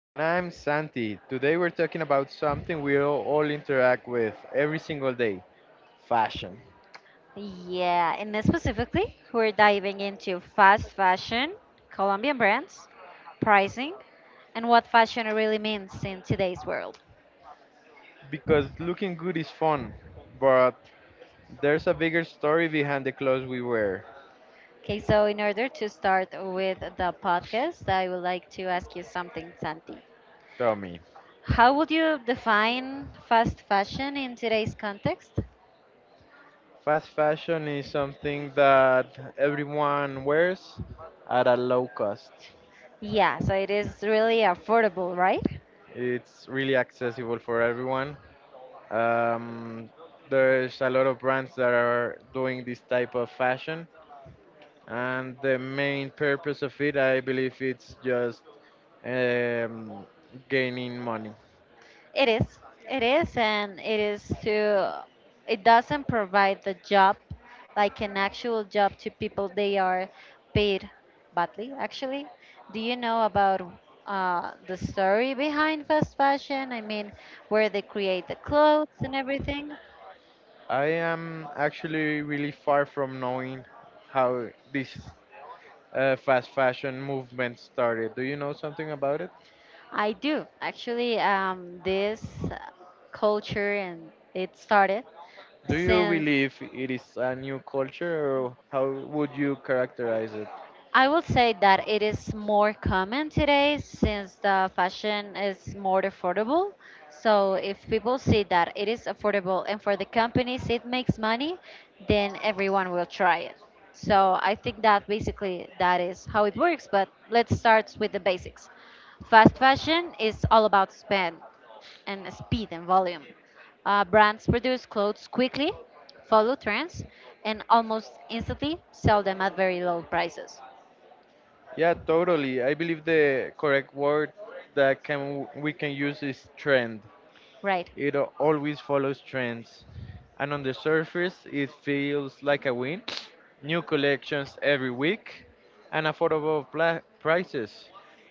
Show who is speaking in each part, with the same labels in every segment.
Speaker 1: And I'm Santi. Today we're talking about something we all interact with every single day, fashion.
Speaker 2: Yeah, and specifically, we're diving into fast fashion, Colombian brands, pricing, and what fashion really means in today's world.
Speaker 1: Because looking good is fun, but there's a bigger story behind the clothes we wear.
Speaker 2: Okay, so in order to start with the podcast, I would like to ask you something, Santi.
Speaker 1: Tell me.
Speaker 2: How would you define fast fashion in today's context?
Speaker 1: Fast fashion is something that everyone wears at a low cost.
Speaker 2: Yeah, so it is really affordable, right?
Speaker 1: It's really accessible for everyone. Um, there's a lot of brands that are doing this type of fashion, and the main purpose of it, I believe, it's just um, gaining money.
Speaker 2: It is. It is, and it is to. It doesn't provide the job, like an actual job, to people. They are paid badly, actually. Do you know about the story behind fast fashion? I mean, where they create the clothes and everything.
Speaker 1: I am actually really far from knowing how this fast fashion movement started. Do you know something about it?
Speaker 2: I do actually. This culture and it started
Speaker 1: Do you
Speaker 2: since
Speaker 1: believe it is a new culture, or how would you characterize it?
Speaker 2: I will say that it is more common today since the fashion is more affordable. So if people see that it is affordable and for the companies it makes money, then everyone will try it. So I think that basically that is how it works, but let's start with the basics. Fast fashion is all about spend and speed and volume. Brands produce clothes quickly, follow trends, and almost instantly sell them at very low prices.
Speaker 1: Yeah, totally, I believe the correct word that can we can use is trend.
Speaker 2: Right.
Speaker 1: It always follows trends, and on the surface, it feels like a win. New collections every week, and affordable prices.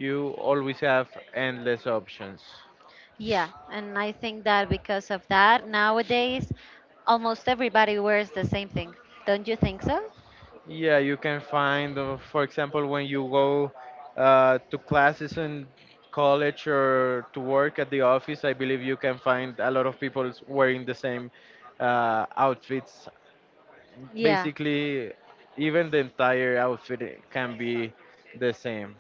Speaker 1: You always have endless options.
Speaker 2: Yeah, and I think that because of that, nowadays almost everybody wears the same thing. Don't you think so?
Speaker 1: Yeah, you can find, for example, when you go to classes in college or to work at the office, I believe you can find a lot of people wearing the same outfits.
Speaker 2: Yeah.
Speaker 1: Basically, even the entire outfit can be the same.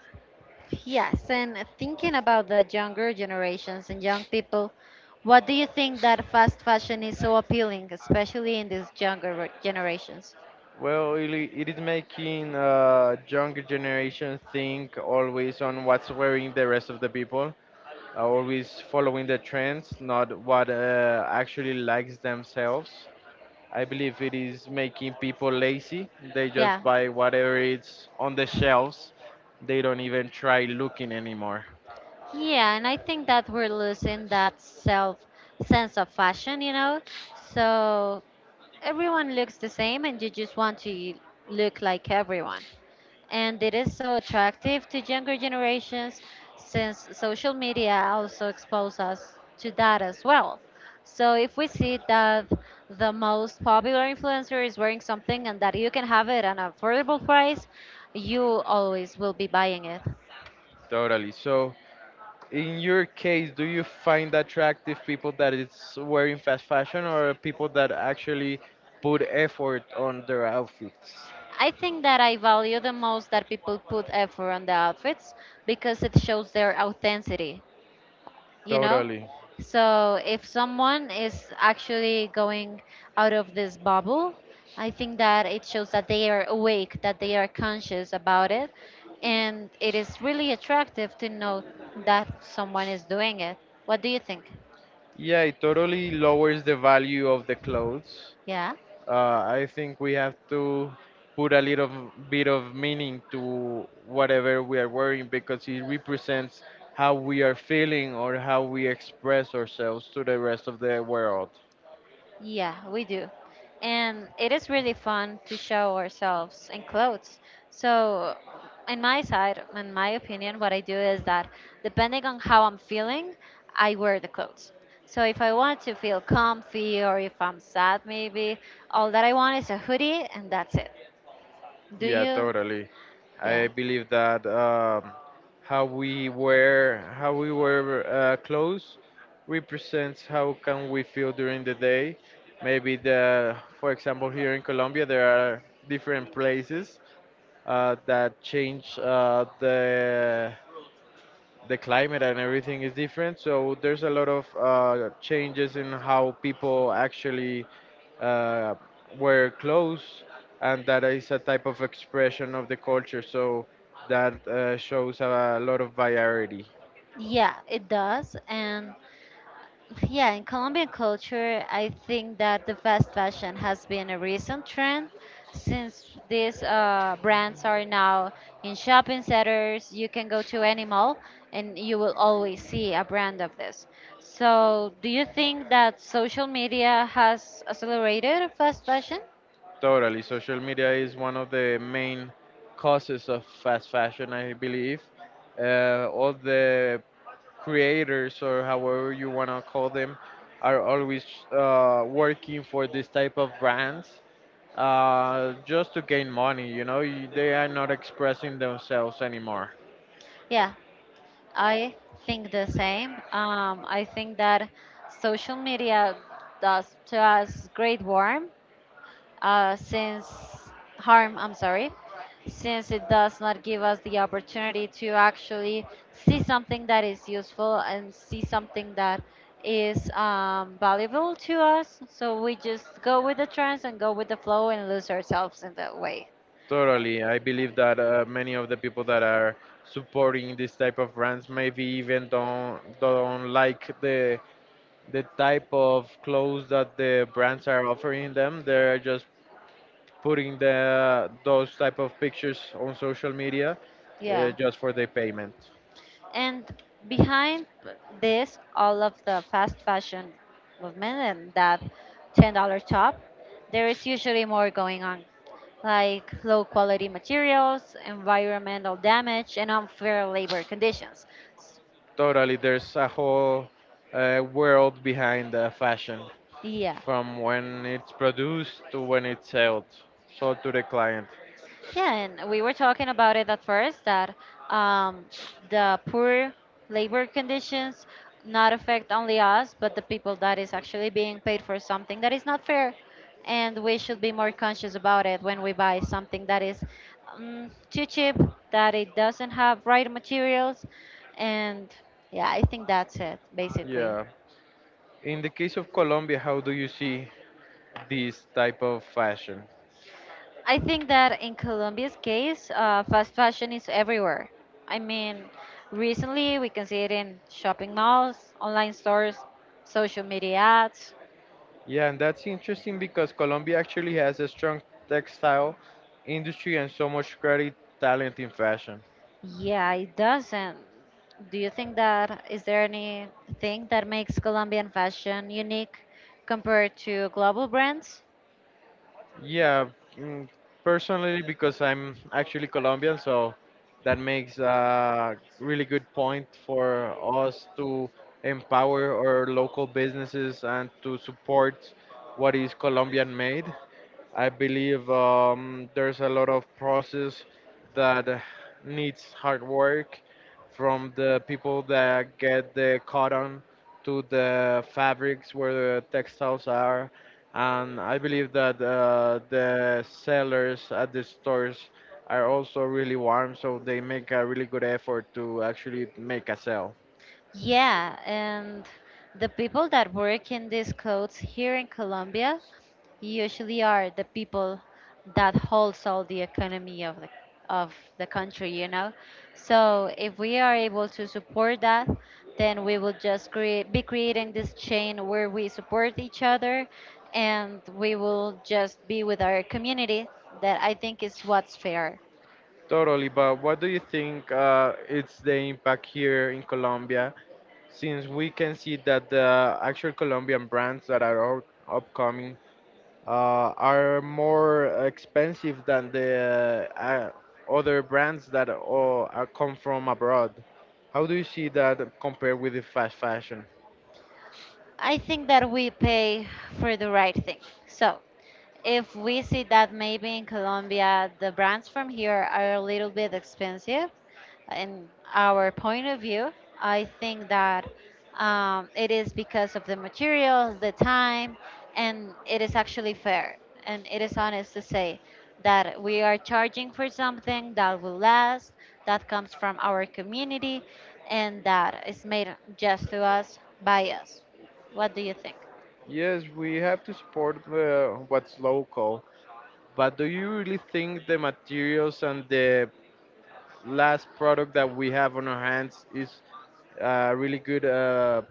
Speaker 2: Yes, and thinking about the younger generations and young people, what do you think that fast fashion is so appealing, especially in these younger generations?
Speaker 1: Well, it is making younger generation think always on what's wearing the rest of the people, always following the trends, not what actually likes themselves. I believe it is making people lazy. They
Speaker 2: Yeah.
Speaker 1: just buy whatever is on the shelves. They don't even try looking anymore.
Speaker 2: Yeah, and I think that we're losing that self sense of fashion, So everyone looks the same, and you just want to look like everyone. And it is so attractive to younger generations since social media also expose us to that as well. So if we see that the most popular influencer is wearing something and that you can have it at an affordable price, you always will be buying it.
Speaker 1: Totally. So, in your case, do you find attractive people that it's wearing fast fashion or people that actually put effort on their outfits?
Speaker 2: I think that I value the most that people put effort on the outfits because it shows their authenticity. You know,
Speaker 1: Totally.
Speaker 2: so if someone is actually going out of this bubble, I think that it shows that they are awake, that they are conscious about it, and it is really attractive to know that someone is doing it. What do you think?
Speaker 1: Yeah, it totally lowers the value of the clothes.
Speaker 2: Yeah.
Speaker 1: I think we have to put a little bit of meaning to whatever we are wearing because it represents how we are feeling or how we express ourselves to the rest of the world.
Speaker 2: Yeah, we do. And it is really fun to show ourselves in clothes. So, in my side, in my opinion, what I do is that depending on how I'm feeling, I wear the clothes. So, if I want to feel comfy or if I'm sad, maybe all that I want is a hoodie and that's it. Do
Speaker 1: Yeah,
Speaker 2: you?
Speaker 1: totally.
Speaker 2: Yeah.
Speaker 1: I believe that how we wear clothes represents how can we feel during the day. Maybe the, for example, here in Colombia, there are different places that change the climate and everything is different. So there's a lot of changes in how people actually uh, wear clothes, and that is a type of expression of the culture. So that shows a lot of variety.
Speaker 2: Yeah, it does. And yeah, in Colombian culture, I think that the fast fashion has been a recent trend since these brands are now in shopping centers. You can go to any mall and you will always see a brand of this. So, do you think that social media has accelerated fast fashion?
Speaker 1: Totally, social media is one of the main causes of fast fashion, I believe. All the creators, or however you want to call them, are always working for this type of brands, just to gain money, you know. They are not expressing themselves anymore.
Speaker 2: Yeah, I think the same. I think that social media does to us great harm since harm, I'm sorry, since it does not give us the opportunity to actually see something that is useful and see something that is valuable to us. So we just go with the trends and go with the flow and lose ourselves in that way.
Speaker 1: Totally I believe that many of the people that are supporting this type of brands maybe even don't like the type of clothes that the brands are offering them. They're just putting the those type of pictures on social media,
Speaker 2: Yeah.
Speaker 1: just for the payment.
Speaker 2: And behind this, all of the fast fashion movement and that $10 top, there is usually more going on, like low quality materials, environmental damage, and unfair labor conditions. S-
Speaker 1: Totally, there's a whole world behind fashion,
Speaker 2: Yeah.
Speaker 1: from when it's produced to when it's sold to the client.
Speaker 2: Yeah, and we were talking about it at first that um, the poor labor conditions not affect only us, but the people that is actually being paid for something that is not fair, and we should be more conscious about it when we buy something that is too cheap, that it doesn't have right materials, and yeah, I think that's it basically.
Speaker 1: Yeah. In the case of Colombia, how do you see this type of fashion?
Speaker 2: I think that in Colombia's case, fast fashion is everywhere. I mean, recently we can see it in shopping malls, online stores, social media ads.
Speaker 1: Yeah, and that's interesting because Colombia actually has a strong textile industry and so much great talent in fashion.
Speaker 2: Yeah, it doesn't. Do you think that is there anything that makes Colombian fashion unique compared to global brands?
Speaker 1: Yeah, mm, personally, because I'm actually Colombian, so that makes a really good point for us to empower our local businesses and to support what is Colombian made. I believe there's a lot of process that needs hard work, from the people that get the cotton to the fabrics where the textiles are. And I believe that the sellers at the stores are also really warm, so they make a really good effort to actually make a sale.
Speaker 2: Yeah, and the people that work in these clothes here in Colombia usually are the people that holds all the economy of the country, you know. So if we are able to support that, then we will just create be creating this chain where we support each other and we will just be with our community that I think is what's fair.
Speaker 1: Totally, but what do you think it's the impact here in Colombia, since we can see that the actual Colombian brands that are upcoming are more expensive than the other brands that are come from abroad. How do you see that compared with the fast fashion?
Speaker 2: I think that we pay for the right thing. So, if we see that maybe in Colombia the brands from here are a little bit expensive, in our point of view, I think that it is because of the materials, the time, and it is actually fair and it is honest to say that we are charging for something that will last, that comes from our community, and that is made just to us by us. What do you think?
Speaker 1: Yes, we have to support what's local, but do you really think the materials and the last product that we have on our hands is really good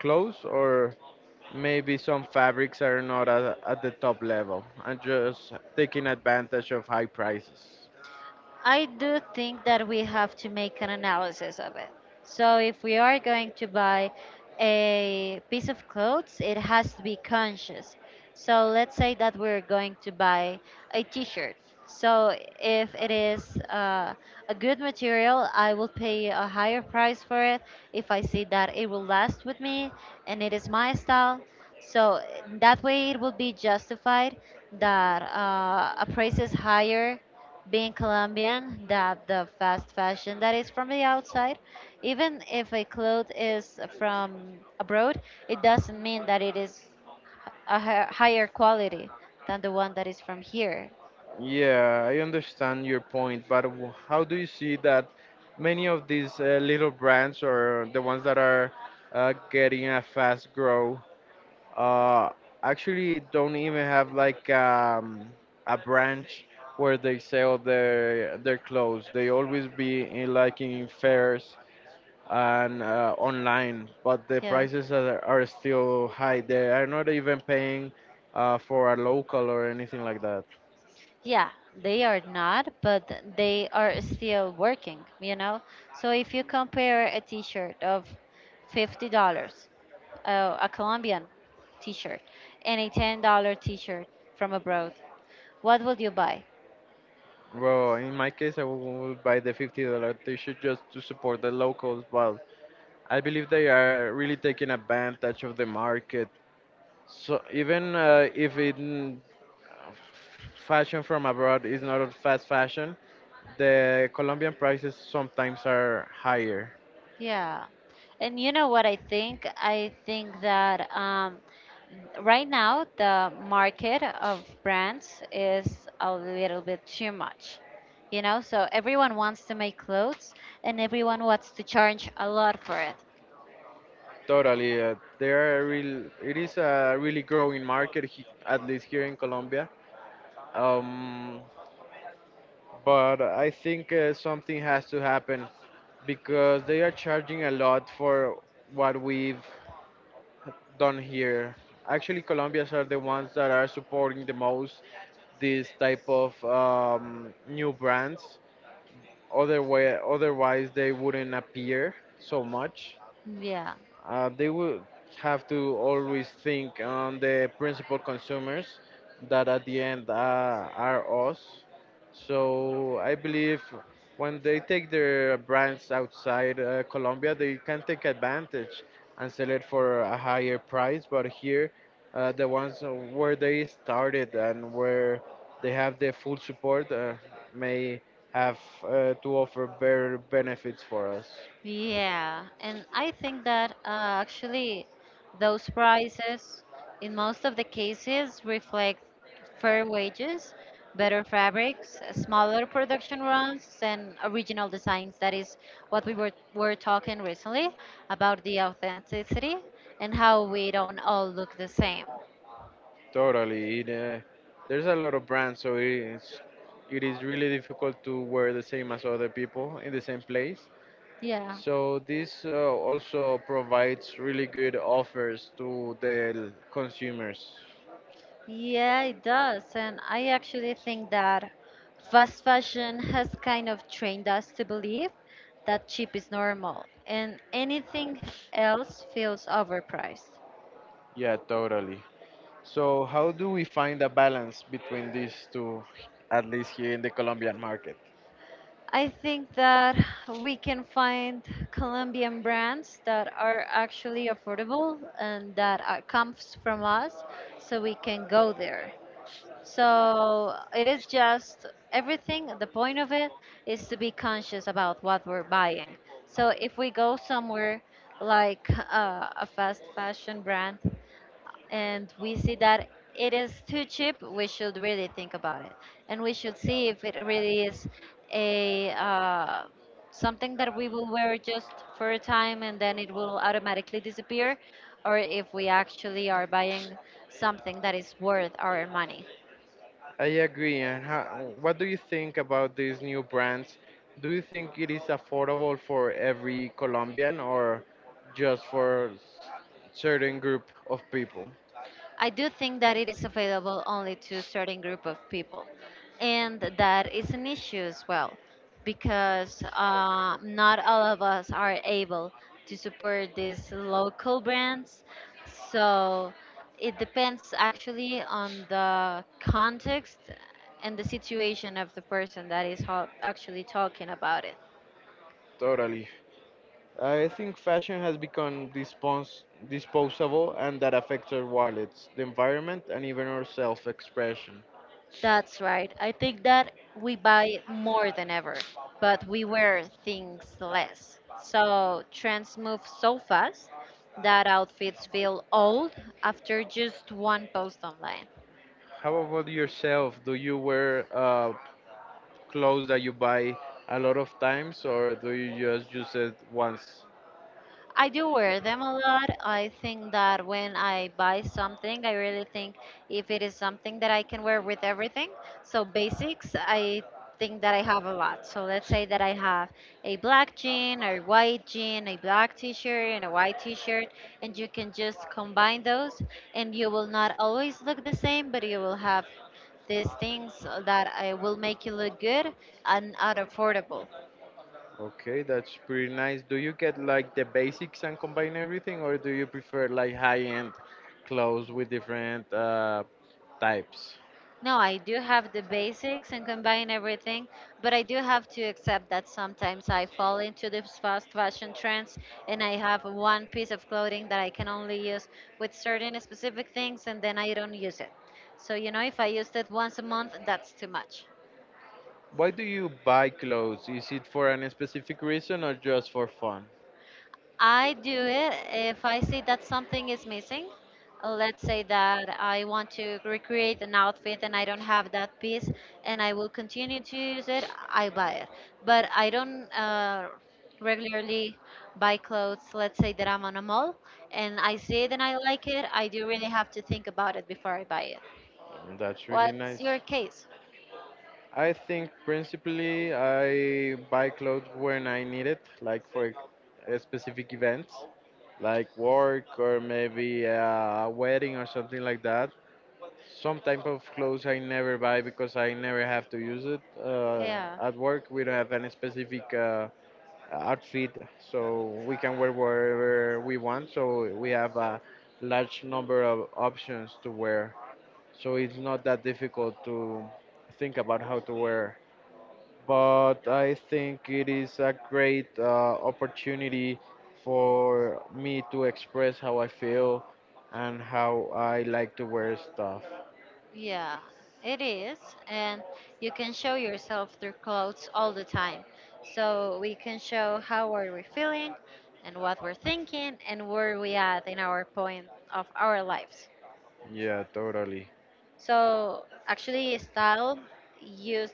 Speaker 1: clothes, or maybe some fabrics are not at the top level and just taking advantage of high prices.
Speaker 2: I do think that we have to make an analysis of it. So if we are going to buy a piece of clothes, it has to be conscious. So let's say that we're going to buy a t-shirt. So if it is a good material, I will pay a higher price for it if I see that it will last with me and it is my style. So that way it will be justified that a price is higher being Colombian, that the fast fashion that is from the outside, even if a cloth is from abroad, it doesn't mean that it is a higher quality than the one that is from here.
Speaker 1: Yeah, I understand your point, but how do you see that many of these little brands, or the ones that are getting a fast grow, uh, actually don't even have, like, a branch where they sell their clothes. They always be in, like, in fairs and online, but the
Speaker 2: Yeah.
Speaker 1: prices are still high. They are not even paying for a local or anything like that.
Speaker 2: Yeah, they are not, but they are still working, you know? So if you compare a t shirt of $50, a Colombian t shirt, and a $10 t shirt from abroad, what would you buy?
Speaker 1: Well, in my case, I will buy the $50 t-shirt just to support the locals, but I believe they are really taking advantage of the market. So even if it, fashion from abroad is not a fast fashion, the Colombian prices sometimes are higher.
Speaker 2: Yeah. And you know what I think? I think that right now the market of brands is a little bit too much. You know, so everyone wants to make clothes and everyone wants to charge a lot for it.
Speaker 1: Totally, they are real. It is a really growing market, he, at least here in Colombia. Um, but I think something has to happen because they are charging a lot for what we've done here. Actually, Colombians are the ones that are supporting the most this type of new brands. Other way, otherwise they wouldn't appear so much.
Speaker 2: Yeah.
Speaker 1: They will have to always think on the principal consumers that at the end are us. So I believe when they take their brands outside Colombia, they can take advantage and sell it for a higher price. But here, the ones where they started and where they have the full support, may have to offer better benefits for us.
Speaker 2: Yeah, and I think that actually those prices in most of the cases reflect fair wages, better fabrics, smaller production runs, and original designs. That is what we were talking recently about the authenticity and how we don't all look the same.
Speaker 1: Totally. There's a lot of brands, so it is really difficult to wear the same as other people in the same place.
Speaker 2: Yeah.
Speaker 1: So this also provides really good offers to the consumers.
Speaker 2: Yeah, it does. And I actually think that fast fashion has kind of trained us to believe that cheap is normal and anything else feels overpriced.
Speaker 1: Yeah, totally. So how do we find a balance between these two, at least here in the Colombian market?
Speaker 2: I think that we can find Colombian brands that are actually affordable and that are, comes from us, so we can go there. So it is just everything. The point of it is to be conscious about what we're buying. So if we go somewhere like a fast fashion brand and we see that it is too cheap, we should really think about it. And we should see if it really is a something that we will wear just for a time and then it will automatically disappear, or if we actually are buying something that is worth our money.
Speaker 1: I agree. And what do you think about these new brands? Do you think it is affordable for every Colombian or just for certain group of people?
Speaker 2: I do think that it is available only to a certain group of people, and that is an issue as well, because not all of us are able to support these local brands. So it depends actually on the context and the situation of the person that is actually talking about it.
Speaker 1: Totally. I think fashion has become disposable, and that affects our wallets, the environment, and even our self expression.
Speaker 2: That's right. I think that we buy more than ever, but we wear things less. So trends move so fast that outfits feel old after just one post online.
Speaker 1: How about yourself? Do you wear clothes that you buy a lot of times, or do you just use it once?
Speaker 2: I do wear them a lot. I think that when I buy something, I really think if it is something that I can wear with everything. So basics, I think that I have a lot. So let's say that I have a black jean, a white jean, a black t-shirt, and a white t-shirt, and you can just combine those, and you will not always look the same, but you will have these things that I will make you look good and are affordable.
Speaker 1: Okay, that's pretty nice. Do you get like the basics and combine everything, or do you prefer like high-end clothes with different types?
Speaker 2: No, I do have the basics and combine everything, but I do have to accept that sometimes I fall into these fast fashion trends and I have one piece of clothing that I can only use with certain specific things and then I don't use it. So, you know, if I used it once a month, that's too much.
Speaker 1: Why do you buy clothes? Is it for any specific reason or just for fun?
Speaker 2: I do it if I see that something is missing. Let's say that I want to recreate an outfit and I don't have that piece and I will continue to use it, I buy it. But I don't regularly buy clothes. Let's say that I'm on a mall and I see it and I like it, I do really have to think about it before I buy it.
Speaker 1: Mm, that's really
Speaker 2: What's
Speaker 1: nice.
Speaker 2: your case?
Speaker 1: I think principally I buy clothes when I need it, like for a specific events, like work or maybe a wedding or something like that. Some type of clothes I never buy because I never have to use it.
Speaker 2: Yeah.
Speaker 1: At work, we don't have any specific outfit, so we can wear whatever we want. So we have a large number of options to wear. So it's not that difficult to think about how to wear. But I think it is a great opportunity for me to express how I feel and how I like to wear stuff.
Speaker 2: Yeah, it is. And you can show yourself through clothes all the time. So we can show how are we feeling and what we're thinking and where we at in our point of our lives.
Speaker 1: Yeah, totally.
Speaker 2: So actually style used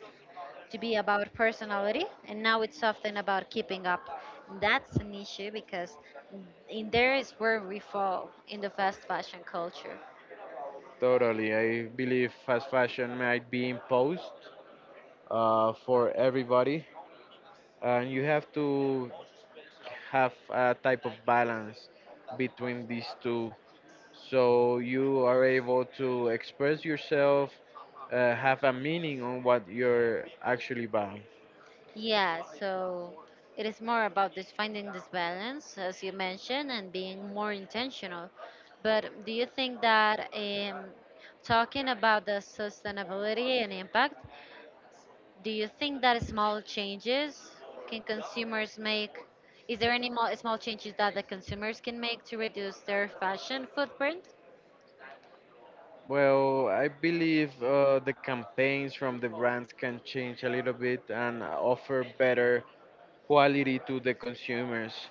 Speaker 2: to be about personality and now it's often about keeping up. That's an issue because in there is where we fall in the fast fashion culture.
Speaker 1: Totally. I believe fast fashion might be imposed for everybody, and you have to have a type of balance between these two. So you are able to express yourself, have a meaning on what you're actually buying.
Speaker 2: Yeah, so it is more about this finding this balance, as you mentioned, and being more intentional. But do you think that talking about the sustainability and impact, do you think that small changes can consumers make? Is there any small changes that the consumers can make to reduce their fashion footprint?
Speaker 1: Well, I believe the campaigns from the brands can change a little bit and offer better quality to the consumers.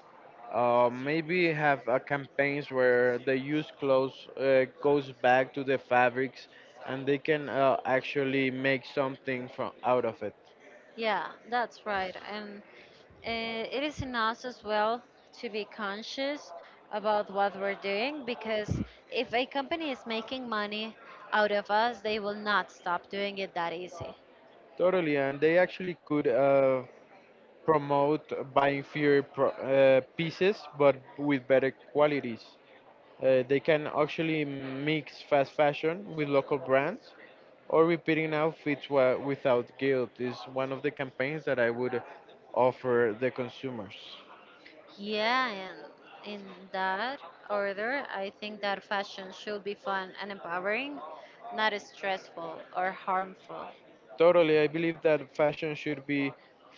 Speaker 1: Maybe have campaigns where the used clothes goes back to the fabrics, and they can, actually make something from out of it.
Speaker 2: Yeah, that's right. And it is in us as well to be conscious about what we're doing because if a company is making money out of us, they will not stop doing it that easy.
Speaker 1: Totally, and they actually could, promote buying fewer pieces, but with better qualities. They can actually mix fast fashion with local brands, or repeating outfits without guilt is one of the campaigns that I would offer the consumers.
Speaker 2: Yeah, and in that order, I think that fashion should be fun and empowering, not stressful or harmful.
Speaker 1: Totally, I believe that fashion should be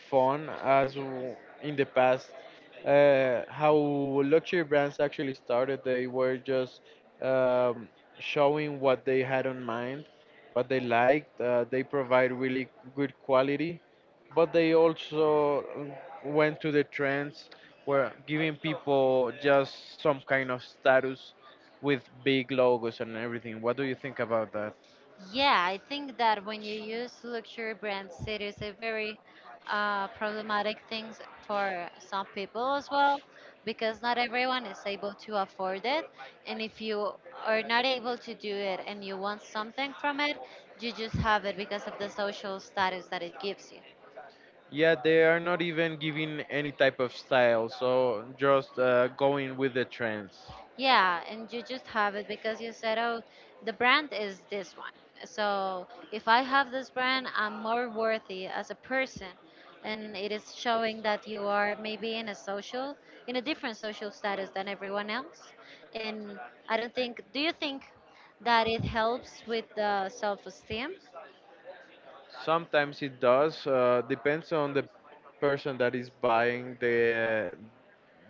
Speaker 1: fun as in the past. How luxury brands actually started, they were just um, showing what they had on mind, what they liked. They provide really good quality, but they also went to the trends where giving people just some kind of status with big logos and everything. What do you think about that?
Speaker 2: Yeah, I think that when you use luxury brands, it is a very problematic thing for some people as well, because not everyone is able to afford it. And if you are not able to do it and you want something from it, you just have it because of the social status that it gives you.
Speaker 1: Yeah, they are not even giving any type of style, so just going with the trends.
Speaker 2: Yeah, and you just have it because you said, oh, the brand is this one. So if I have this brand, I'm more worthy as a person. And it is showing that you are maybe in a different social status than everyone else. And I don't think, do you think that it helps with the self esteem?
Speaker 1: Sometimes it does, depends on the person that is buying the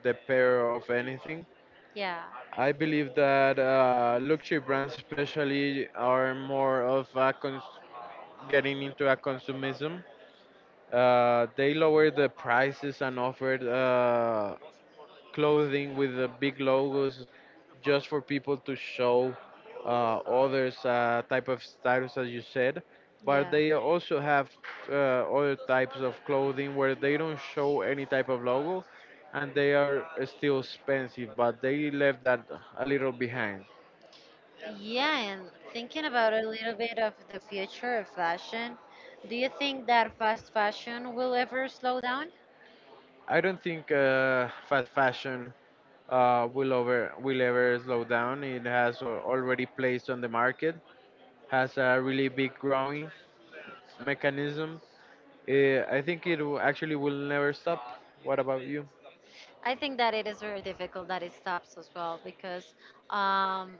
Speaker 1: the pair of anything.
Speaker 2: Yeah,
Speaker 1: I believe that luxury brands, especially, are more of a getting into a consumerism. They lower the prices and offer clothing with the big logos just for people to show others type of status as you said, but
Speaker 2: yeah.
Speaker 1: they also have uh, other types of clothing where they don't show any type of logo, and they are still expensive, but they left that a little behind.
Speaker 2: Yeah, and thinking about a little bit of the future of fashion, do you think that fast fashion will ever slow down?
Speaker 1: I don't think fast fashion will ever slow down. It has already placed on the market, has a really big growing mechanism. I think actually will never stop. What about you?
Speaker 2: I think that it is very difficult that it stops as well because um,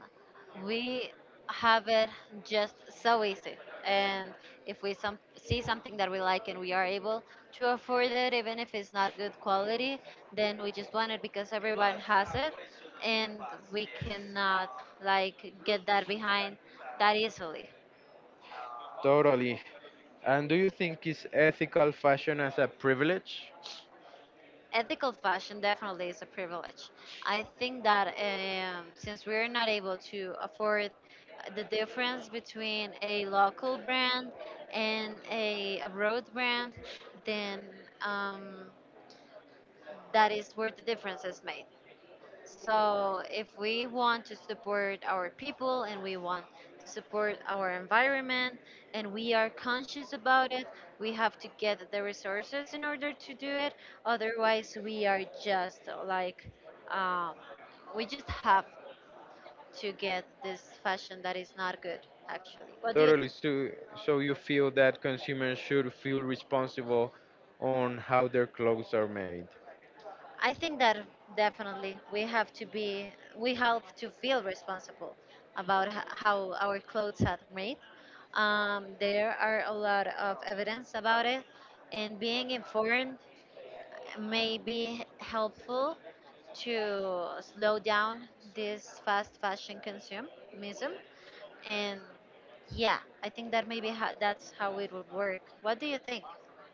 Speaker 2: we have it just so easy. And if see something that we like and we are able to afford it, even if it's not good quality, then we just want it because everyone has it and we cannot like get that behind that easily.
Speaker 1: Totally. And do you think is ethical fashion as a privilege?
Speaker 2: Ethical fashion definitely is a privilege. I think that since we're not able to afford the difference between a local brand and a abroad brand, then um, that is where the difference is made. So, if we want to support our people and we want to support our environment and we are conscious about it, we have to get the resources in order to do it. Otherwise, we are just like, um, we just have to get this fashion that is not good, actually. What do you
Speaker 1: Totally.
Speaker 2: think?
Speaker 1: So, you feel that consumers should feel responsible on how their clothes are made.
Speaker 2: I think that definitely we have to feel responsible about how our clothes are made. There are a lot of evidence about it, and being informed may be helpful to slow down this fast fashion consumism. And yeah, I think that that's how it would work. What do you think?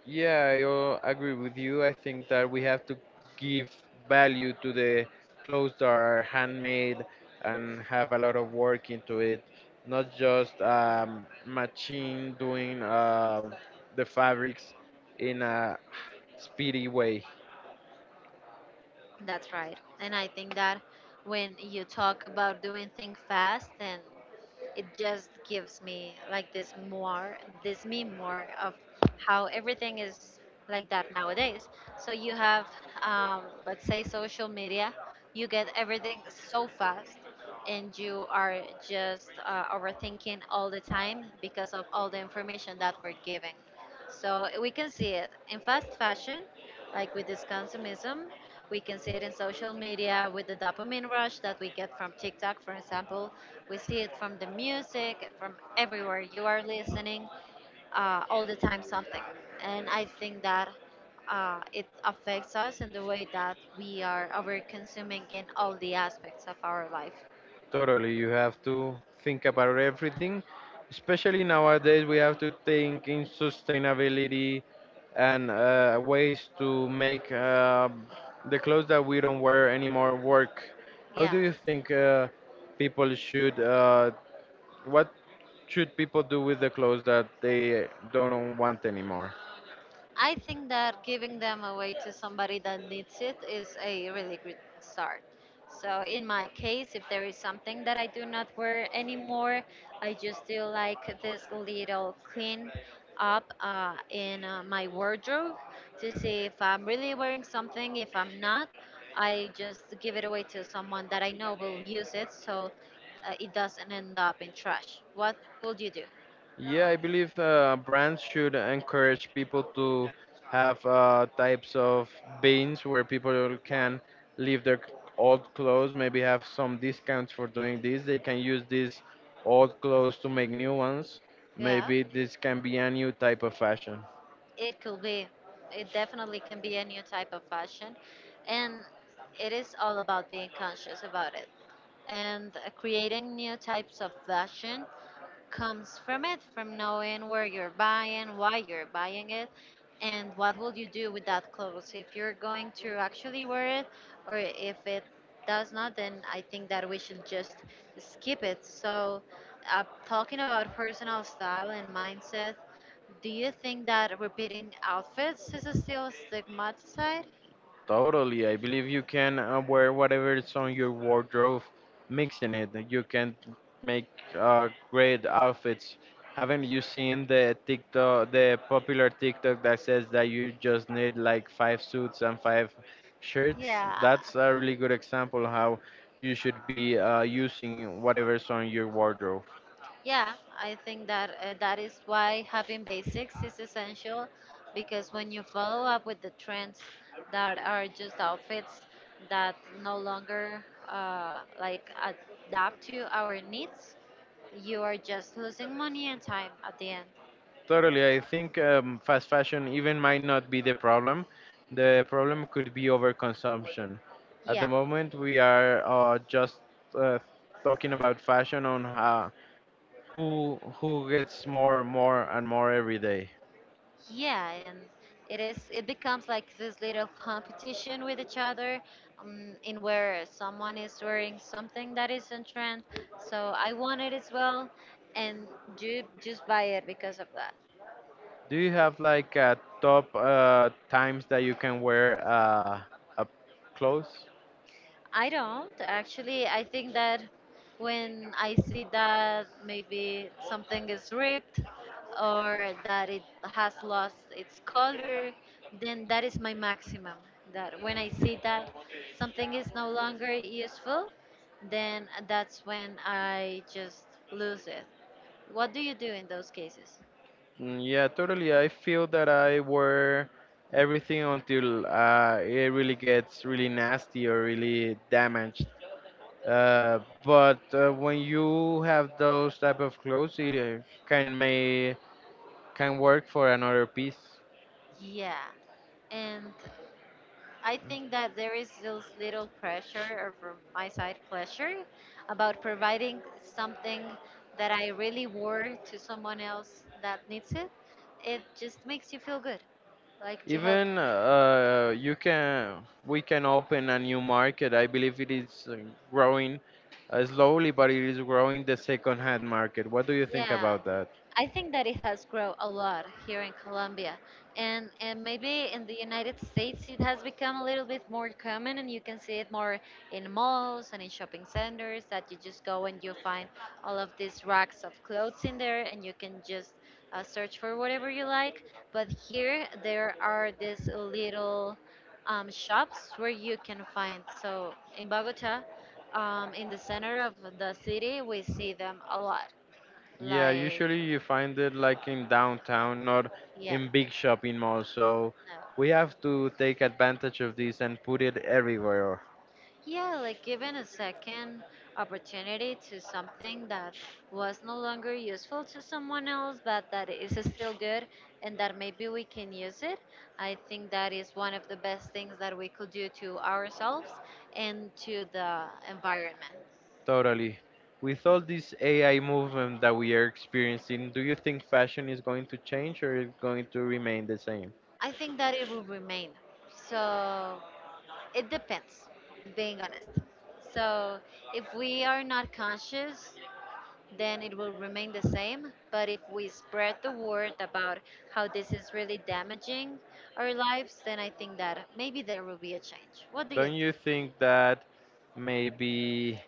Speaker 1: Yeah, I agree with you. I think that we have to give value to the clothes that are handmade and have a lot of work into it, not just machine doing the fabrics in a speedy way.
Speaker 2: That's right. And I think that when you talk about doing things fast, and it just gives me like this me more of how everything is like that nowadays. So you have, let's say, social media, you get everything so fast. And you are just overthinking all the time because of all the information that we're giving. So we can see it in fast fashion, like with this consumism. We can see it in social media with the dopamine rush that we get from TikTok, for example. We see it from the music, from everywhere. You are listening all the time something. And I think that it affects us in the way that we are over consuming in all the aspects of our life.
Speaker 1: Totally, you have to think about everything. Especially nowadays, we have to think in sustainability and ways to make the clothes that we don't wear anymore work. How
Speaker 2: Yeah.
Speaker 1: do you think people should? What should people do with the clothes that they don't want anymore?
Speaker 2: I think that giving them away to somebody that needs it is a really good start. So, in my case, if there is something that I do not wear anymore, I just do like this little clean up in my wardrobe to see if I'm really wearing something. If I'm not, I just give it away to someone that I know will use it so it doesn't end up in trash. What will you do?
Speaker 1: Yeah, I believe brands should encourage people to have types of bins where people can leave their old clothes, maybe have some discounts for doing this. They can use these old clothes to make new ones.
Speaker 2: Yeah.
Speaker 1: Maybe this can be a new type of fashion.
Speaker 2: It could be. It definitely can be a new type of fashion. And it is all about being conscious about it and creating new types of fashion comes from it, from knowing where you're buying, why you're buying it, and what will you do with that clothes if you're going to actually wear it or if it does not. Then I think that we should just skip it. So, uh, talking about personal style and mindset, do you think that repeating outfits is still stigmatized?
Speaker 1: Totally. I believe you can wear whatever is on your wardrobe, mixing it. You can make great outfits. Haven't you seen the TikTok, the popular TikTok that says that you just need like five suits and five shirts?
Speaker 2: Yeah,
Speaker 1: That's a really good example how you should be using whatever's on your wardrobe.
Speaker 2: Yeah, I think that that is why having basics is essential because when you follow up with the trends that are just outfits that no longer adapt to our needs, you are just losing money and time at the end.
Speaker 1: Totally. I think fast fashion even might not be the problem. The problem could be overconsumption. At the
Speaker 2: Yeah.
Speaker 1: moment, we are just uh, talking about fashion on how, who gets more, more, and more every day.
Speaker 2: Yeah, and it becomes like this little competition with each other, in where someone is wearing something that is in trend. So I want it as well, and you just buy it because of that.
Speaker 1: Do you have like top times that you can wear a clothes?
Speaker 2: I don't actually. I think that when I see that maybe something is ripped or that it has lost its color, then that is my maximum. That when I see that something is no longer useful, then that's when I just lose it. What do you do in those cases?
Speaker 1: Mm, yeah, totally. I feel that I wear everything until it really gets really nasty or really damaged. Uh, but when you have those type of clothes, it can may can work for another piece.
Speaker 2: Yeah. And I think that there is this little pressure, or from my side, pleasure, about providing something that I really wore to someone else that needs it. It just makes you feel good, like to help.
Speaker 1: Even you can we can open a new market. I believe it is growing slowly, but it is growing, the second-hand market. What do you think
Speaker 2: Yeah,
Speaker 1: about that?
Speaker 2: I think that it has grown a lot here in Colombia, and maybe in the United States it has become a little bit more common, and you can see it more in malls and in shopping centers that you just go and you find all of these racks of clothes in there, and you can just search for whatever you like. But here there are these little shops where you can find. So in Bogota, in the center of the city, we see them a lot.
Speaker 1: Yeah,
Speaker 2: Like,
Speaker 1: usually you find it like in downtown, not
Speaker 2: yeah,
Speaker 1: in big shopping malls. So we
Speaker 2: no.
Speaker 1: have to take advantage of this and put it everywhere.
Speaker 2: Yeah, like giving a second opportunity to something that was no longer useful to someone else, but that is still good and that maybe we can use it. I think that is one of the best things that we could do to ourselves and to the environment.
Speaker 1: Totally. With all this AI movement that we are experiencing, do you think fashion is going to change or is going to remain the same?
Speaker 2: I think that it will remain. So it depends, being honest. So if we are not conscious then it will remain the same. But if we spread the word about how this is really damaging our lives, then I think that maybe there will be a change. What do you
Speaker 1: Don't
Speaker 2: think?
Speaker 1: you think that maybe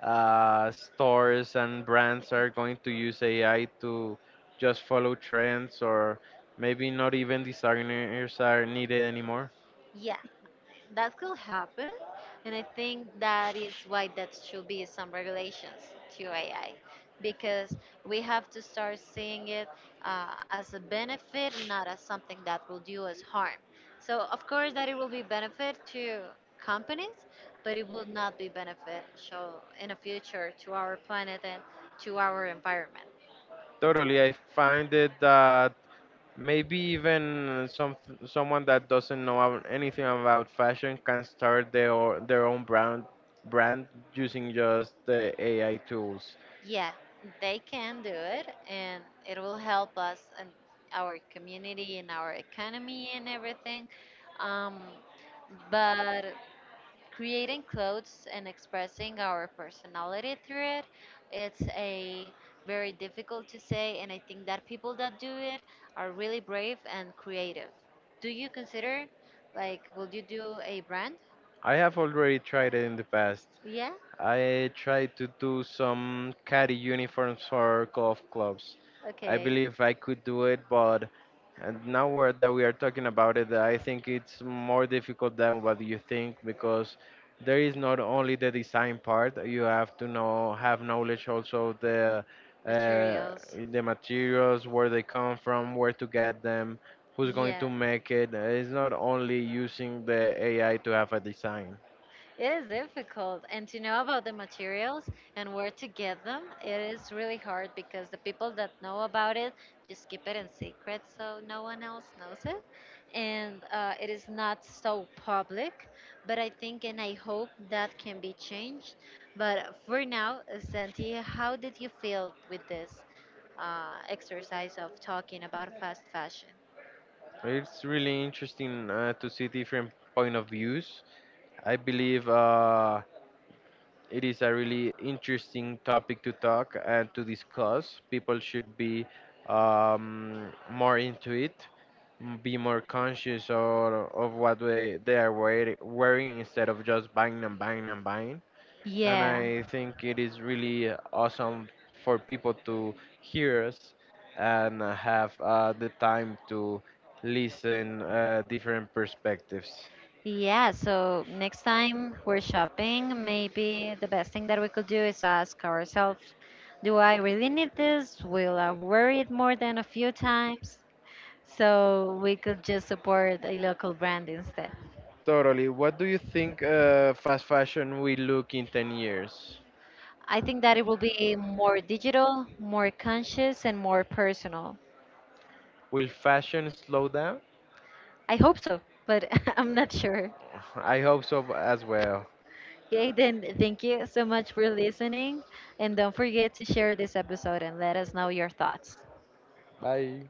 Speaker 1: stores and brands are going to use AI to just follow trends, or maybe not even designers are needed anymore?
Speaker 2: Yeah, that could happen, and I think that is why that should be some regulations to AI, because we have to start seeing it as a benefit, not as something that will do us harm. So of course that it will be benefit to companies, but it will not be beneficial in the future to our planet and to our environment.
Speaker 1: Totally. I find it that maybe even someone that doesn't know anything about fashion can start their own brand using just the AI tools.
Speaker 2: Yeah, they can do it, and it will help us and our community and our economy and everything. Um, but creating clothes and expressing our personality through it, it's a very difficult to say, and I think that people that do it are really brave and creative. Do you consider, like, will you do a brand?
Speaker 1: I have already tried it in the past.
Speaker 2: Yeah?
Speaker 1: I tried to do some caddy uniforms for golf clubs. I
Speaker 2: Okay.
Speaker 1: believe I could do it, but. And now we're, that we are talking about it, I think it's more difficult than what you think, because there is not only the design part. You have to know have knowledge also uh,
Speaker 2: Materials.
Speaker 1: the materials, where they come from, where to get them, who's going
Speaker 2: Yeah.
Speaker 1: to make it. It's not only using the AI to have a design.
Speaker 2: It is difficult, and to know about the materials and where to get them, it is really hard because the people that know about it just keep it in secret so no one else knows it. And it is not so public, but I think and I hope that can be changed. But for now, Santi, how did you feel with this exercise of talking about fast fashion?
Speaker 1: It's really interesting to see different point of views. I believe. It is a really interesting topic to talk and to discuss. People should be more into it, be more conscious of, what they are wearing instead of just buying and buying and buying. And
Speaker 2: Yeah.
Speaker 1: I think it is really awesome for people to hear us and have the time to listen different perspectives.
Speaker 2: Yeah, so next time we're shopping, maybe the best thing that we could do is ask ourselves, do I really need this? Will I wear it more than a few times? So we could just support a local brand instead.
Speaker 1: Totally. What do you think fast fashion will look in 10 years?
Speaker 2: I think that it will be more digital, more conscious, and more personal.
Speaker 1: Will fashion slow down?
Speaker 2: I hope so, but I'm not sure.
Speaker 1: I hope so as well.
Speaker 2: Okay, then thank you so much for listening. And don't forget to share this episode and let us know your thoughts.
Speaker 1: Bye.